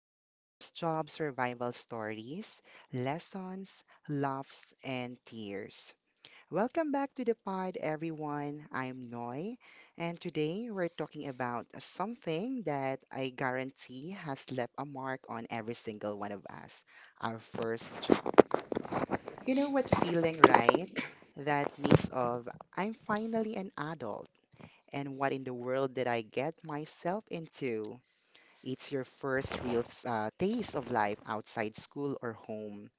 first job survival stories, lessons, laughs, and tears. Welcome back to the pod, everyone. I'm Noy, and today we're talking about something that I guarantee has left a mark on every single one of us our first job. You know what feeling, right? That mix of I'm finally an adult and what in the world did I get myself into? It's your first real taste of life outside school or home,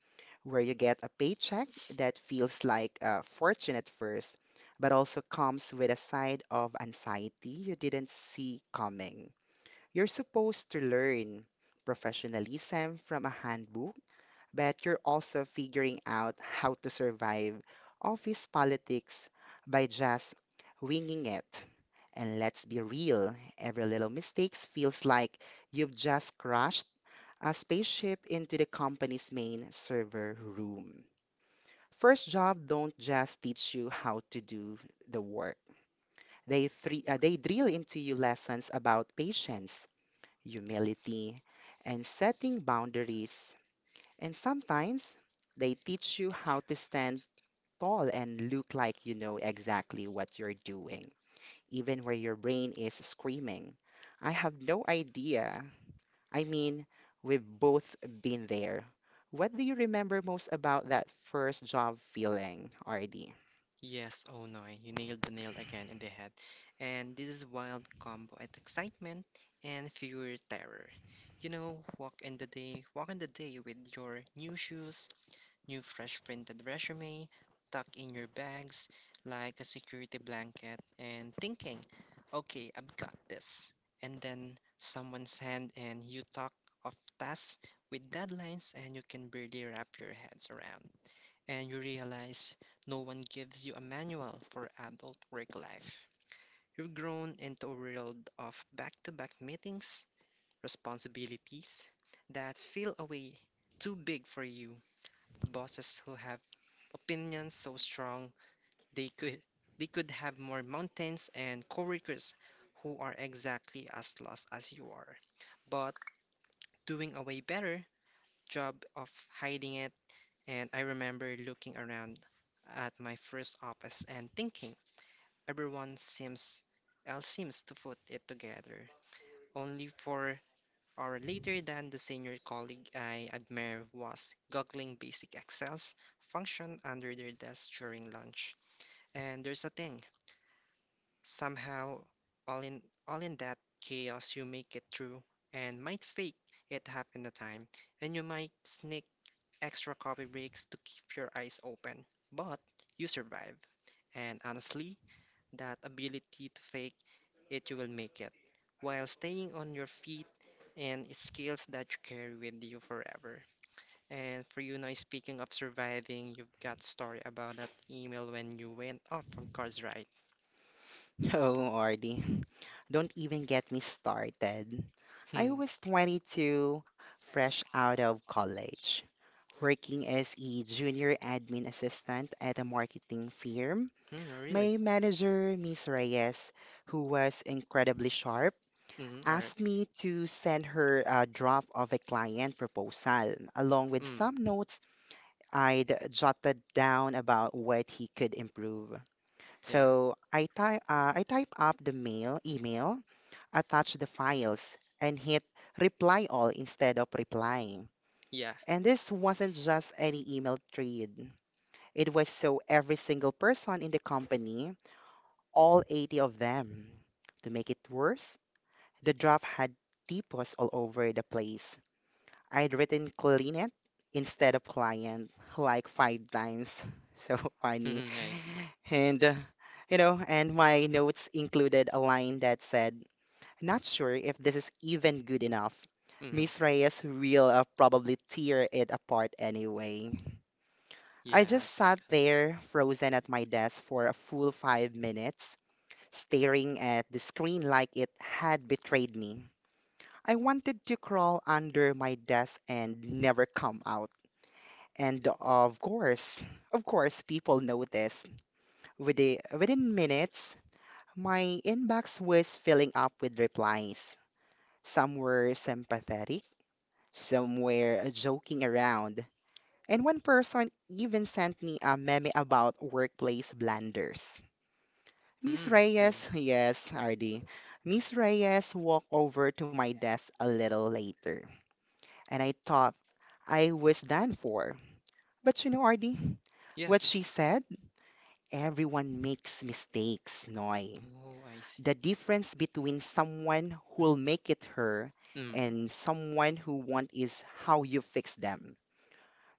where you get a paycheck that feels like a fortune at first, but also comes with a side of anxiety you didn't see coming. You're supposed to learn professionalism from a handbook but you're also figuring out how to survive office politics by just winging it. And let's be real, every little mistake feels like you've just crashed a spaceship into the company's main server room. First job don't just teach you how to do the work. They drill into you lessons about patience, humility, and setting boundaries and sometimes they teach you how to stand tall and look like you know exactly what you're doing, even where your brain is screaming, I have no idea. I mean, we've both been there. What do you remember most about that first job feeling, RD? Yes, oh no, you nailed the nail again in the head. And this is wild combo at excitement and fewer terror. You know, walk in the day with your new shoes, new fresh printed resume, tuck in your bags like a security blanket and thinking, okay, I've got this. And then someone's hand and you talk of tasks with deadlines and you can barely wrap your heads around and you realize no one gives you a manual for adult work life. You've grown into a world of back-to-back meetings, responsibilities that feel away too big for you, bosses who have opinions so strong they could they could have more mountains and coworkers who are exactly as lost as you are, but doing a way better job of hiding it. And I remember looking around at my first office and thinking, everyone seems else seems to put it together. Only for hour later than the senior colleague I admire was goggling basic Excel's function under their desk during lunch. And there's a thing. Somehow all in all in that chaos you make it through and might fake it half in the time and you might sneak extra coffee breaks to keep your eyes open, but you survive. And honestly, that ability to fake it you will make it while staying on your feet and it's skills that you carry with you forever. And for you now, speaking of surviving, you've got story about that email when you went off of course, right? Oh, RD, don't even get me started. I Hmm. was 22, fresh out of college, working as a junior admin assistant at a marketing firm. Hmm, really? My manager, Ms. Reyes, who was incredibly sharp, Mm-hmm, all right. asked me to send her a draft of a client proposal along with Mm. some notes I'd jotted down about what he could improve. Yeah. So I type up the mail email, attach the files, and hit reply all instead of replying. Yeah. And this wasn't just any email thread. It was so every single person in the company, all 80 of them. To make it worse, the draft had typos all over the place. I'd written client instead of client like five times. So funny. Mhm, I see. And, you know, and my notes included a line that said, Not sure if this is even good enough. Mhm. Miss Reyes will probably tear it apart anyway. I Yeah, I just think. sat there, frozen at my desk for a full 5 minutes, staring at the screen like it had betrayed me. I wanted to crawl under my desk and never come out. And of course, people noticed. Within minutes, my inbox was filling up with replies. Some were sympathetic, some were joking around, and one person even sent me a meme about workplace blunders. Miss Hmm. There you- Reyes, yes, RD. Miss Reyes walked over to my desk a little later, and I thought I was done for. But you know, RD, Yeah. what she said? Everyone makes mistakes, Noy. Oh, I The see. difference between someone who'll make it her Mm. and someone who won't is how you fix them.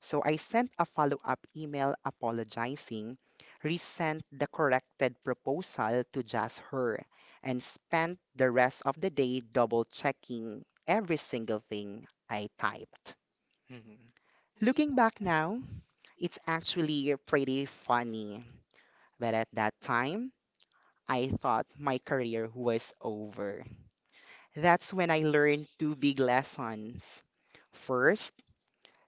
So I sent a follow up email apologizing, resent the corrected proposal to just her, and spent the rest of the day double checking every single thing I typed. Mhm. Looking back now, it's actually pretty funny, but at that time, I thought my career was over. That's when I learned two big lessons. First,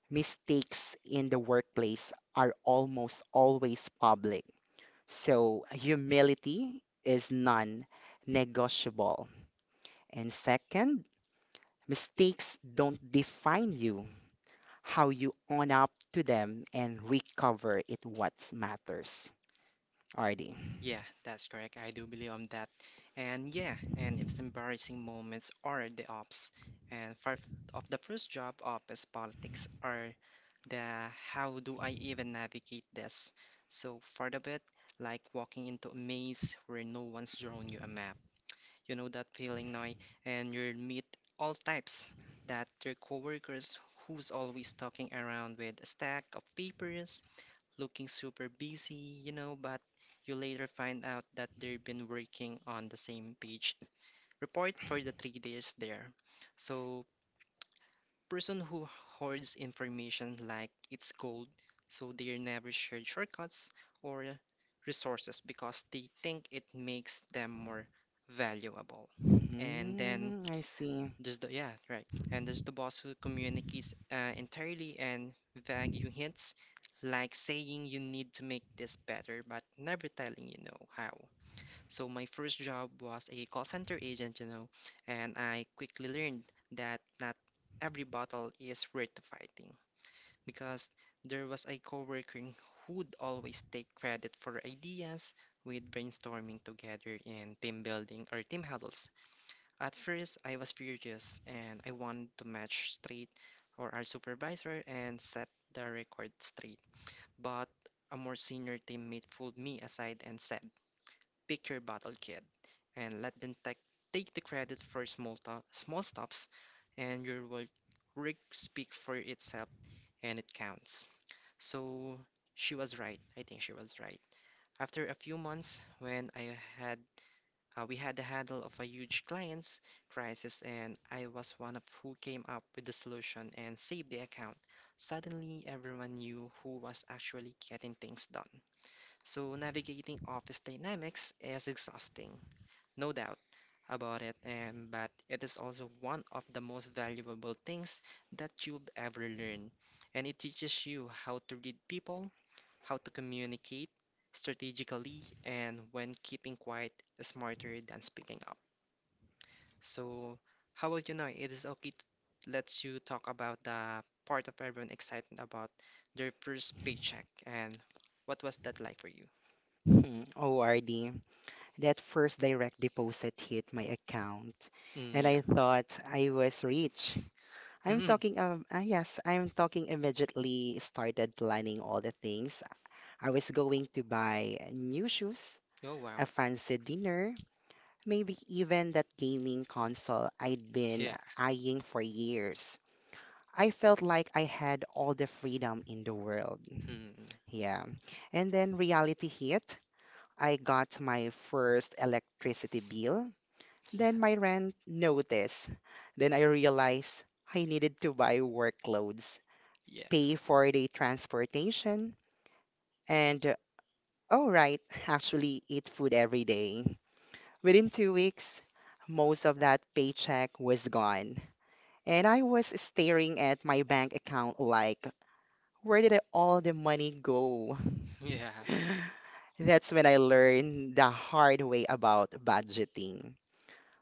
mistakes in the workplace are almost always public. So, humility is non negotiable. And second, mistakes don't define you. How you own up to them and recover it what matters. RD. Yeah, that's correct. I do believe on that. And yeah, and it's embarrassing moments are the ops. And part of the first job op is politics are the how do I even navigate this? So part of it, like walking into a maze where no one's drawn you a map. You know that feeling now, and you'll meet all types that your coworkers who's always talking around with a stack of papers, looking super busy, you know, but you later find out that they've been working on the same page report for the 3 days there. So person who hoards information like it's gold, so they never share shortcuts or resources because they think it makes them more valuable. And then Hmm, I see. there's the yeah, right. And there's the boss who communicates entirely and vague hints, like saying you need to make this better, but never telling you know how. So my first job was a call center agent, you know, and I quickly learned that not every battle is worth fighting because there was a coworker who'd always take credit for ideas we'd brainstorming together in team building or team huddles. At first, I was furious and I wanted to match straight or our supervisor and set the record straight. But a more senior teammate pulled me aside and said, pick your battle kid and let them take the credit for small to small stops and your work rig speak for itself and it counts. So she was right. I think she was right. After a few months, when I had we had the handle of a huge client's crisis, and I was one of who came up with the solution and saved the account. Suddenly, everyone knew who was actually getting things done. So navigating office dynamics is exhausting, no doubt about it, and but it is also one of the most valuable things that you'll ever learn. And it teaches you how to read people, how to communicate strategically, and when keeping quiet is smarter than speaking up. So, how about you now? It is okay to let you talk about the part of everyone excited about their first paycheck and what was that like for you? Hmm, oh, RD, that first direct deposit hit my account, and Mm, I thought I was rich. I'm yeah. talking um uh, yes, I'm talking immediately started planning all the things. I was going to buy new shoes, Oh, wow. a fancy dinner, maybe even that gaming console I'd been Yeah. eyeing for years. I felt like I had all the freedom in the world. Hmm. Yeah. And then reality hit. I got my first electricity bill, Yeah. then my rent notice. Then I realized I needed to buy work clothes Yeah. pay for the transportation, and oh, right, actually eat food every day. Within 2 weeks, most of that paycheck was gone. And I was staring at my bank account like, where did all the money go? Yeah. That's when I learned the hard way about budgeting.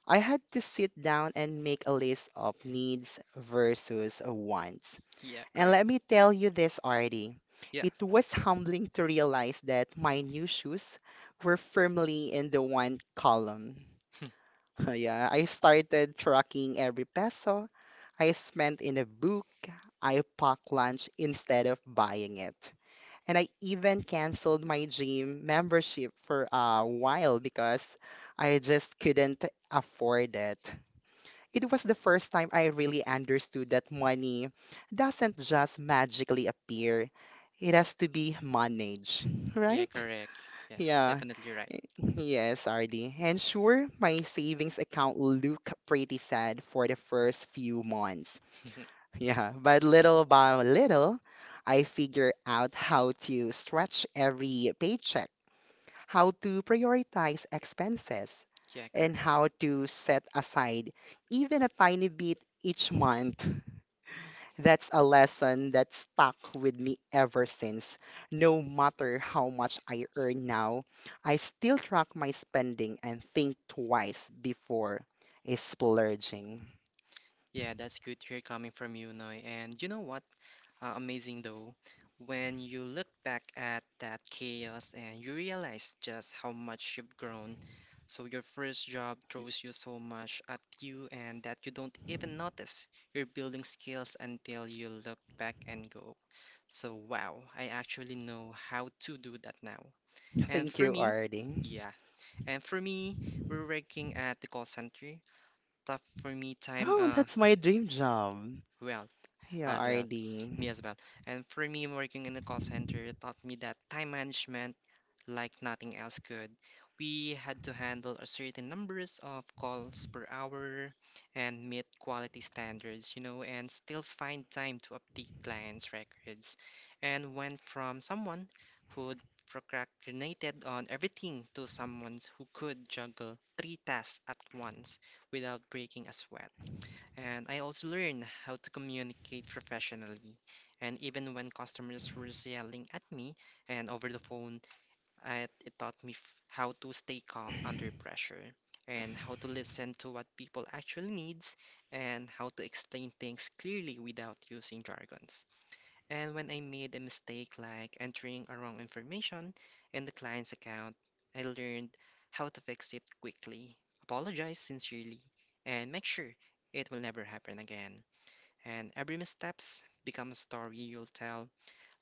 I had to sit down and make a list of needs versus wants. Yeah, And correct. let me tell you this, Artie. Yeah. It was humbling to realize that my new shoes were firmly in the one column. Hmm. Yeah, I started tracking every peso I spent in a book. I packed lunch instead of buying it. And I even canceled my gym membership for a while because I just couldn't afford it. It was the first time I really understood that money doesn't just magically appear. It has to be managed, Yeah, right? correct. Yes, Yeah, definitely right. yes, RD. And sure, my savings account looked pretty sad for the first few months. Yeah, but little by little, I figure out how to stretch every paycheck how to prioritize expenses, Yeah, and correct. how to set aside even a tiny bit each month. That's a lesson that stuck with me ever since. No matter how much I earn now, I still track my spending and think twice before splurging. Yeah, that's good to hear coming from you, Noy. And you know what? Amazing though. When you look back at that chaos and you realize just how much you've grown. So your first job throws you so much at you and that you don't even notice you're building skills until you look back and go, so wow, I actually know how to do that now. And Thank for you, me, Ardy. yeah, and for me, we're working at the call center. Tough for me time, Oh, that's my dream job. well, Yeah, as well, Ardy. me as well. And for me, working in a call center taught me that time management, like nothing else could. We had to handle a certain numbers of calls per hour and meet quality standards, you know, and still find time to update clients' records. And went from someone who procrastinated on everything to someone who could juggle three tasks at once without breaking a sweat. And I also learned how to communicate professionally. And even when customers were yelling at me and over the phone, it taught me f how to stay calm under pressure and how to listen to what people actually needs and how to explain things clearly without using jargons. And when I made a mistake like entering a wrong information in the client's account, I learned how to fix it quickly, apologize sincerely, and make sure it will never happen again. And every missteps become a story you'll tell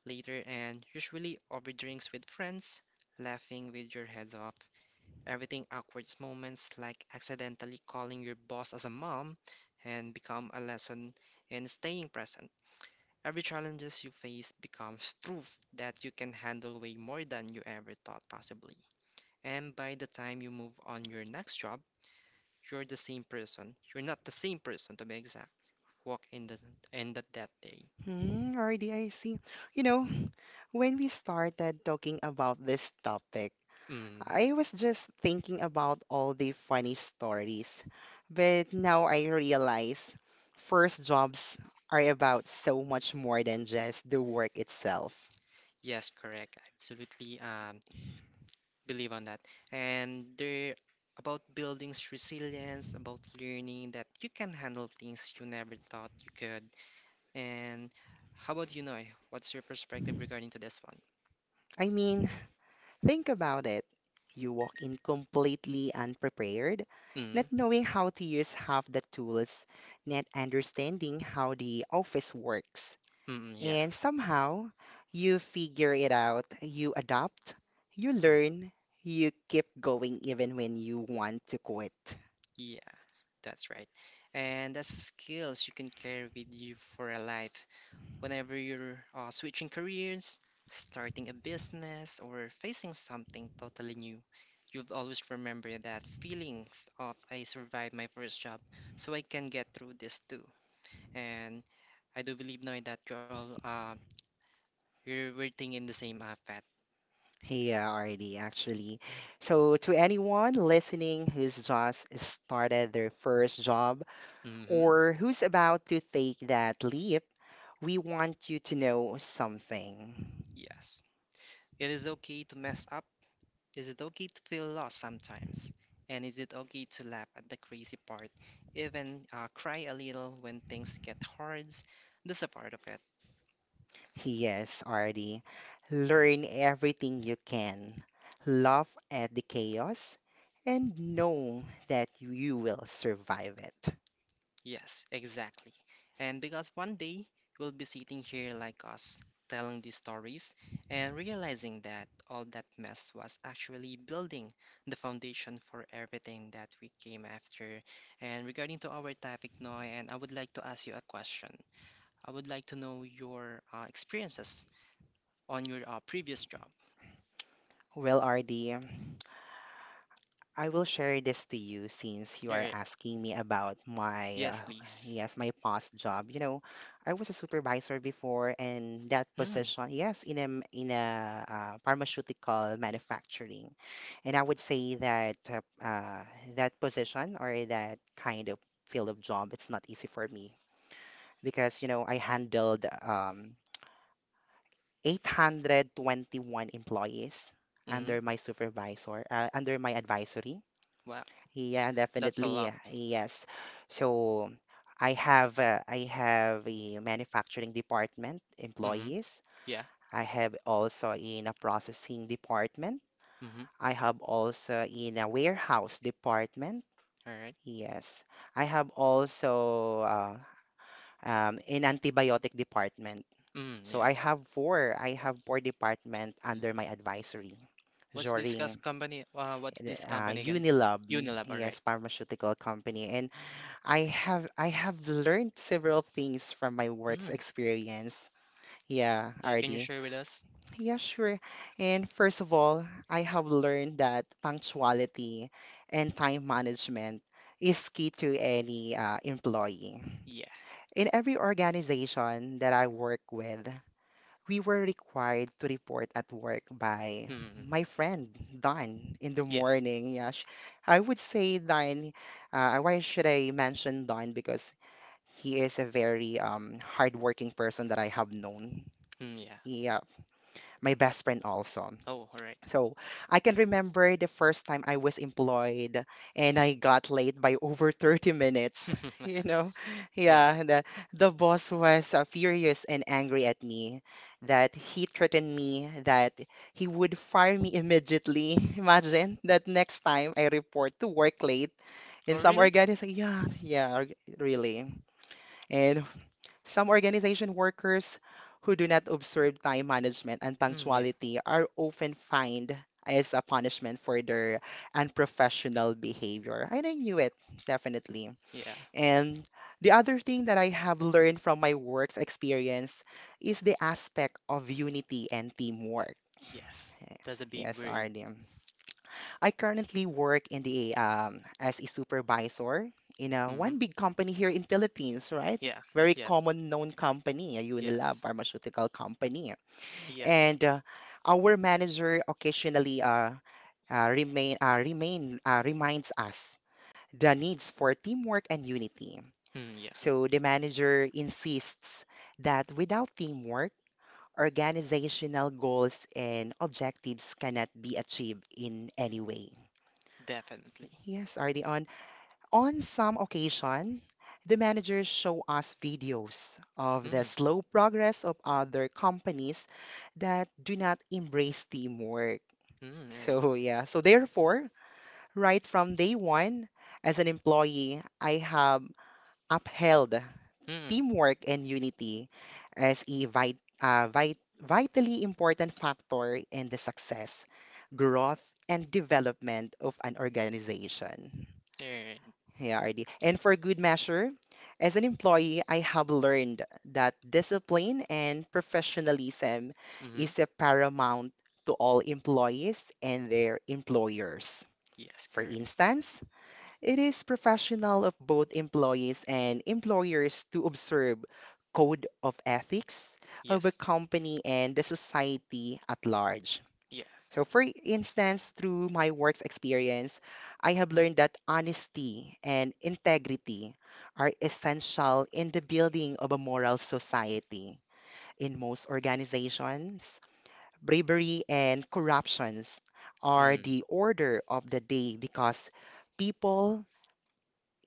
later and usually over drinks with friends, laughing with your heads off. Everything awkward moments like accidentally calling your boss as a mom and become a lesson in staying present. Every challenges you face becomes proof that you can handle way more than you ever thought possibly. And by the time you move on your next job, you're the same person. You're not the same person to be exact. Walk in the end of that day. Hmm, Ardy, I see. You know, when we started talking about this topic, Mm. I was just thinking about all the funny stories. But now I realize first jobs are about so much more than just the work itself. Yes, correct. I absolutely believe on that. And they're about building resilience, about learning that you can handle things you never thought you could. And how about you, Noy? What's your perspective regarding to this one? I mean, think about it. You walk in completely unprepared, Mm, not knowing how to use half the tools, not understanding how the office works mm, yeah, and somehow you figure it out, you adapt, you learn, you keep going even when you want to quit. yes. Yeah, that's right. And that's the skills you can carry with you for a life. Whenever you're switching careers, starting a business, or facing something totally new, you'll always remember that feelings of I survived my first job, so I can get through this too. And I do believe, Noy, that you're all you're we're thinking in the same path. Yeah, already actually. So, to anyone listening who's just started their first job Hmm. or who's about to take that leap, we want you to know something. Yes. It is okay to mess up. Is it okay to feel lost sometimes? And is it okay to laugh at the crazy part, even cry a little when things get hard? That's a part of it. Yes, Artie. Learn everything you can. Laugh at the chaos and know that you will survive it. Yes, exactly. And because one day we will be sitting here like us, telling these stories and realizing that all that mess was actually building the foundation for everything that we came after. And regarding to our topic, Noy, and I would like to ask you a question. I would like to know your experiences on your previous job. Well, Artie, I will share this to you since you are Yeah, asking me about my yes, please. yes, my past job. You know, I was a supervisor before and that Hmm. position, yes, in a pharmaceutical manufacturing. And I would say that that position or that kind of field of job, it's not easy for me because, you know, I handled 821 employees Hmm. under my supervisor, under my advisory. Wow, Yeah, that's a definitely. lot. Yes. So I have a manufacturing department Mm-hmm. employees. Yeah. I have also in a processing department. Mm-hmm. I have also in a warehouse department. All right. Yes. I have also in antibiotic department. Mm, So yeah. I have four department under my advisory What's this during company? What's this company again? Unilab, Unilab. All yes, right. pharmaceutical company, and I have learned several things from my work's Mm. experience. Yeah, Yeah. Can you RD. share with us? Yeah, sure. And first of all, I have learned that punctuality and time management is key to any employee. Yeah. In every organization that I work with, we were required to report at work by Mm. my friend Don in the Yeah. morning. Yeah, sh- I would say Don. Why should I mention Don? Because he is a very hardworking person that I have known. Mm, yeah. Yeah, my best friend also. Oh, all right. So I can remember the first time I was employed and I got late by over 30 minutes. You know, yeah, Yeah. the boss was furious and angry at me that he threatened me that he would fire me immediately. Imagine that next time I report to work late Oh, in some really? organization. Yeah, yeah, really. And some organization workers who do not observe time management and Hmm. Yeah. punctuality are often fined as a punishment for their unprofessional behavior. And I knew it, definitely. Yeah. And the other thing that I have learned from my work's experience is the aspect of unity and teamwork. Yes. That's a big Yes, word. Arnie. I currently work in the as a supervisor in a one big Mm-hmm. company here in Philippines, right? Yeah. Very Yes. common known company, a Yes. Unilab pharmaceutical company. Yes. And our manager occasionally remain remain reminds us the needs for teamwork and unity. Mm, yes. So the manager insists that without teamwork, organizational goals and objectives cannot be achieved in any way. Definitely. Yes, RD. On some occasion, the managers show us videos of Mm. the slow progress of other companies that do not embrace teamwork. Mm, all right. So, yeah, so therefore, right from day one, as an employee, I have upheld Mm, teamwork and unity as a vitally important factor in the success, growth, and development of an organization. all right. Yeah, RD. And for good measure, as an employee, I have learned that discipline and professionalism Mm-hmm. is a paramount to all employees and their employers. Yes, For correct. instance, it is professional of both employees and employers to observe code of ethics of a Yes. company and the society at large. Yeah. So, for instance, through my work's experience, I have learned that honesty and integrity are essential in the building of a moral society. In most organizations, bravery and corruptions are Mm, the order of the day because people,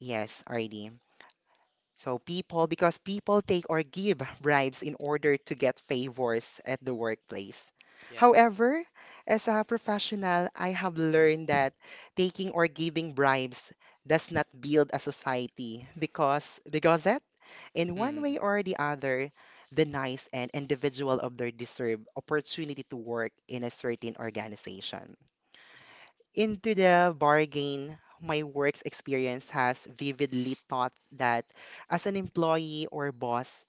yes, RD. So people, because people take or give bribes in order to get favors at the workplace. yeah. However, as a professional, I have learned that taking or giving bribes does not build a society because that, in one Mm, way or the other, denies an individual of their deserved opportunity to work in a certain organization. Into the bargain, my work's experience has vividly taught that as an employee or boss,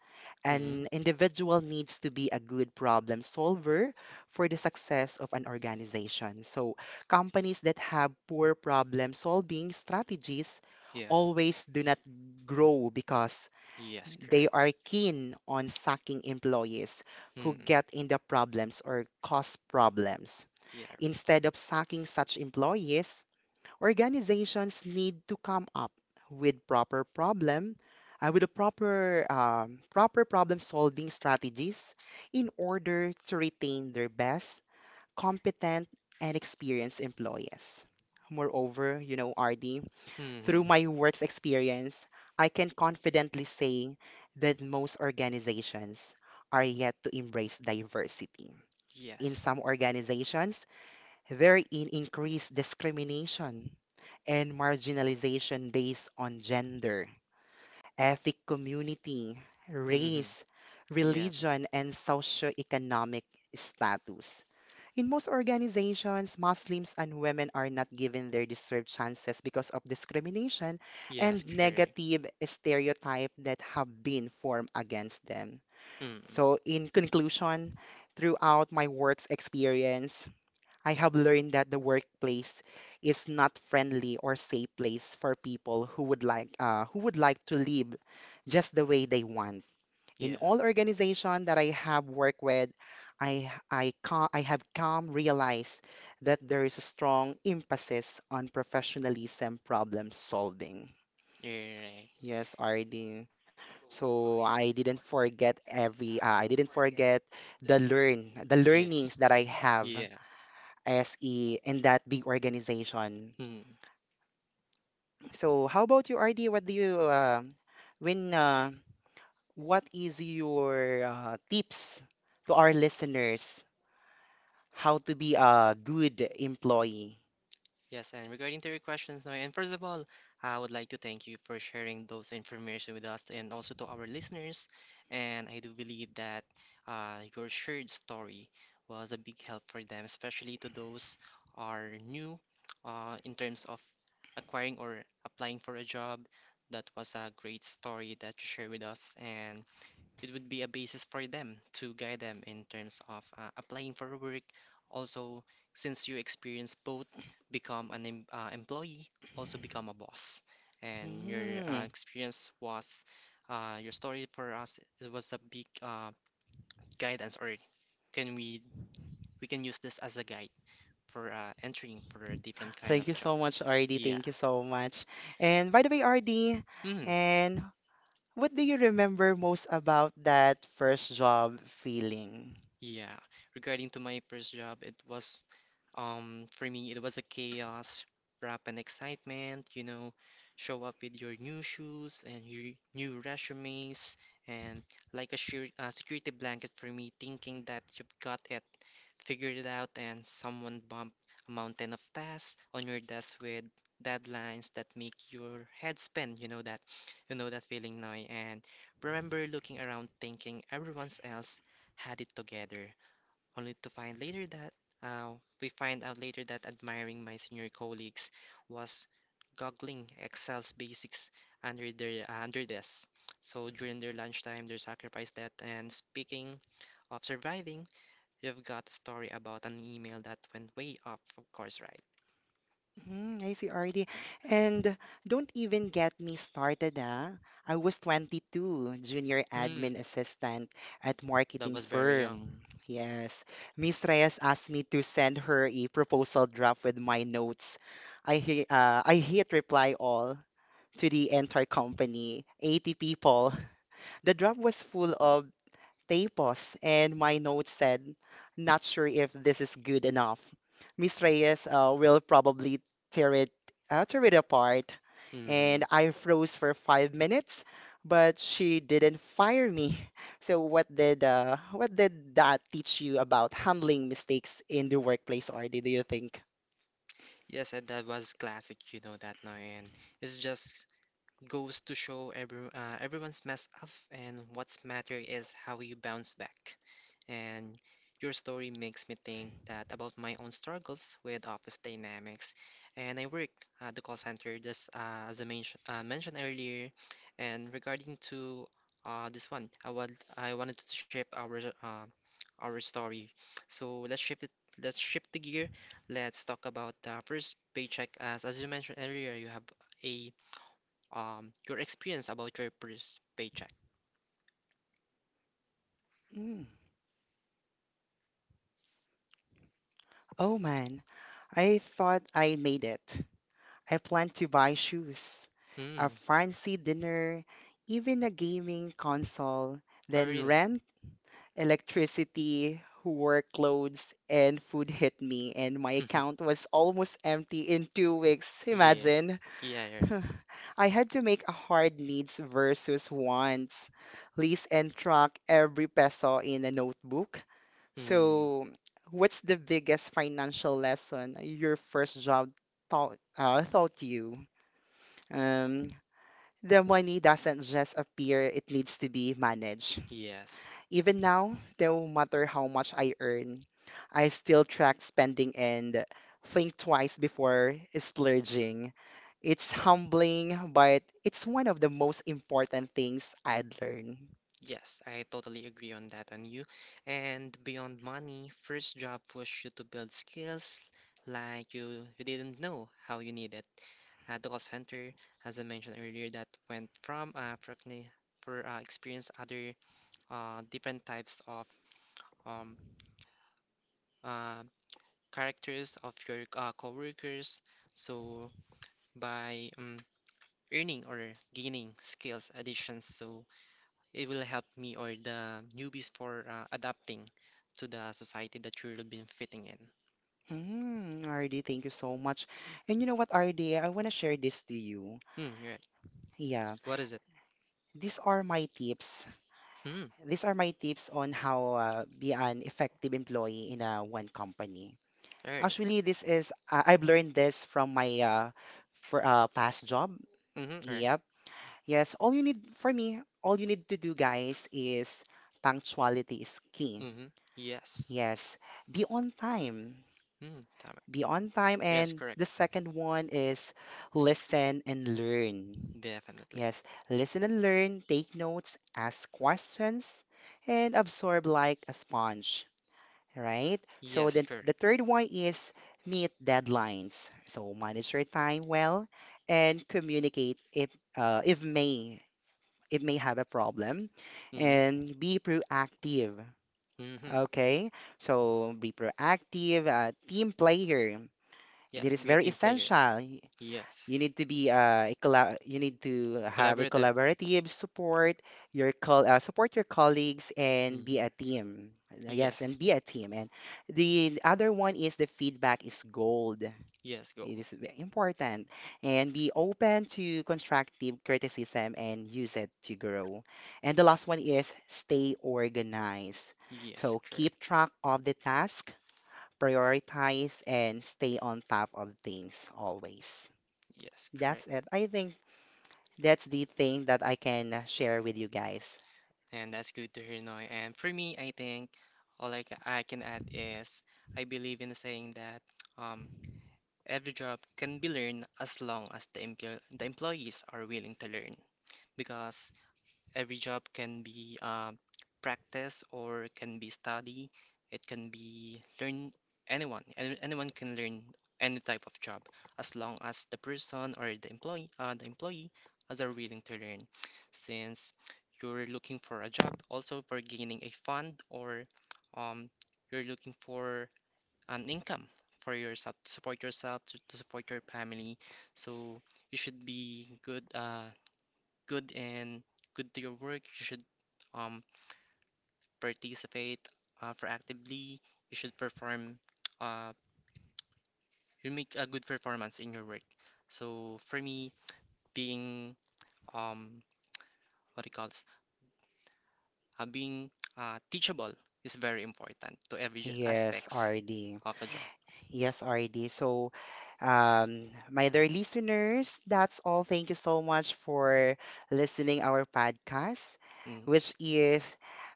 mm, an individual needs to be a good problem solver for the success of an organization. So, companies that have poor problem solving strategies yeah. always do not grow because Yes, they correct. are keen on sucking employees who get in the problems or cause problems. Yeah, Instead of sacking such employees, organizations need to come up with proper problem with a proper problem solving strategies in order to retain their best, competent, and experienced employees. Moreover, RD, through through my work's experience, I can confidently say that most organizations are yet to embrace diversity. in. In some organizations, therein increased discrimination and marginalization based on gender, ethnic community, race, religion, and socioeconomic status. In most organizations, Muslims and women are not given their deserved chances because of discrimination and negative stereotype that have been formed against them. Hmm. So, in conclusion, throughout my work's experience, I have learned that the workplace is not friendly or safe place for people who would like to live just the way they want. Yeah. In all organization that I have worked with, I have come realize that there is a strong emphasis on professionalism, problem solving. Yeah, right. Yes, RD. So I didn't forget the learnings that I have SE in that big organization. Hmm. So how about you, RD? What do you when what is your tips to our listeners how to be a good employee? Yes, and regarding to your questions now, and first of all, I would like to thank you for sharing those information with us and also to our listeners. And I do believe that your shared story was a big help for them, especially to those are new in terms of acquiring or applying for a job. That was a great story that you shared with us, and it would be a basis for them to guide them in terms of applying for work. Also, since you experience both, become an employee, also become a boss. And your Hmm. experience was your story for us. It was a big guidance, or can we can use this as a guide for entering for a different kind Thank of Thank you you job. so So much, much, Arlene. RD. Thank Yeah. Thank you You so so much. much. And by the way, RD, Mhm. And and what do you remember most about that first job feeling? yeah, regarding to my first job, it was for me, it was a chaos wrap and excitement, you know, show up with your new shoes and your new resumes, and like a sure, security blanket for me, thinking that you've got it figured it out, and someone bumped a mountain of tasks on your desk with deadlines that make your head spin. You know that feeling now. And remember looking around, thinking everyone else had it together, only to find later that uh, we find out later that admiring my senior colleagues was goggling Excel's basics under their under desks. So during their lunchtime, they sacrificed that. And speaking of surviving, you've got a story about an email that went way off, of course, right? Mm, I see already. And don't even get me started, ah. I was 22, junior admin Mm, assistant at that marketing was very young. firm. Yes. Miss Reyes asked me to send her a proposal draft with my notes. I hit reply all to the entire company, 80 people. The draft was full of they paused, and my note said, not sure if this is good enough. Miss Reyes will probably tear it, tear it apart. Hmm. And I froze for 5 minutes, but she didn't fire me. So what did that teach you about handling mistakes in the workplace, or do you think? Yes, and that was classic, you know that now, and it's just goes to show everyone's messed up, and what's matter is how you bounce back. And your story makes me think that about my own struggles with office dynamics. And I work at the call center, just as I mentioned earlier. And regarding to this one, I wanted to shape our our story. So let's shift it. Let's shift the gear. Let's talk about the first paycheck. As you mentioned earlier, you have a your experience about your first paycheck. Mm. Oh man, I thought I made it. I plan to buy shoes, Hmm. a fancy dinner, even a gaming console, Oh, then really? rent, electricity, workloads, and food hit me, and my account was almost empty in 2 weeks. Yeah. Imagine. Yeah, yeah. I had to make a hard needs versus wants list and track every peso in a notebook. Hmm. So, what's the biggest financial lesson your first job taught you? Um, the money doesn't just appear, it needs to be managed. Yes. Even now, no matter how much I earn, I still track spending and think twice before splurging. It's humbling, but it's one of the most important things I'd learn. Yes, I totally agree on that on you. And beyond money, first job pushed you to build skills like you didn't know how you needed. At the call center, as I mentioned earlier, that went from practically for experience other different types of um uh characters of your coworkers. So by earning or gaining skills additions, so it will help me or the newbies for adapting to the society that you'll be fitting in. Mm, RD, thank you so much. And you know what, RD, I want to share this to you. Hmm, right. Yeah, What is it? these are my tips. Hmm, These are my tips on how be an effective employee in a one company. all right. Actually, this is I've learned this from my for past job. Mm-hmm, all right. Yep. Yes. All you need to do, guys, is punctuality is key. Mm-hmm. Yes. Yes. Be on time. Hmm, tama. Be on time. Yes, And correct. the second one is listen and learn. Definitely. Yes. Listen and learn. Take notes. Ask questions, and absorb like a sponge, right? So Yes, then the correct. third one is meet deadlines. So manage your time well and communicate if may it may have a problem and be proactive. Mm-hmm. Mm-hmm. Okay, so be proactive, team player. That Yes, is be a very team player. essential. Yes. You need to be you need to have a Collaborative. collaborative support your colleagues and be Hmm. a team. Yes, and Yes. be a team. And the other one is the feedback is gold. Yes, go. Important and be open to constructive criticism and use it to grow. And the last one is stay organized. Yes, So correct. keep track of the task, prioritize, and stay on top of things always. Yes, That's correct. it. I think that's the thing that I can share with you guys. And that's good to hear, Noy. And for me, I think all I can add is I believe in the saying that um, every job can be learned as long as the employees are willing to learn. Because every job can be practice or can be study. It can be learn anyone. Anyone can learn any type of job as long as the person or the employee as are willing to learn. Since you're looking for a job, also for gaining a fund or um, you're looking for an income for yourself to support yourself to support your family. So you should be good good and good to your work, you should um participate proactively. You should perform uh you make a good performance in your work. So for me, being um what it calls being teachable is very important to every Yes, aspects RD. of a job. Yes, RD. So, my dear listeners, that's all. Thank you so much for listening our podcast, which Mm. is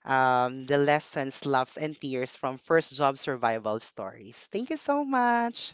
the lessons, loves, and tears from first job survival stories. Thank you so much.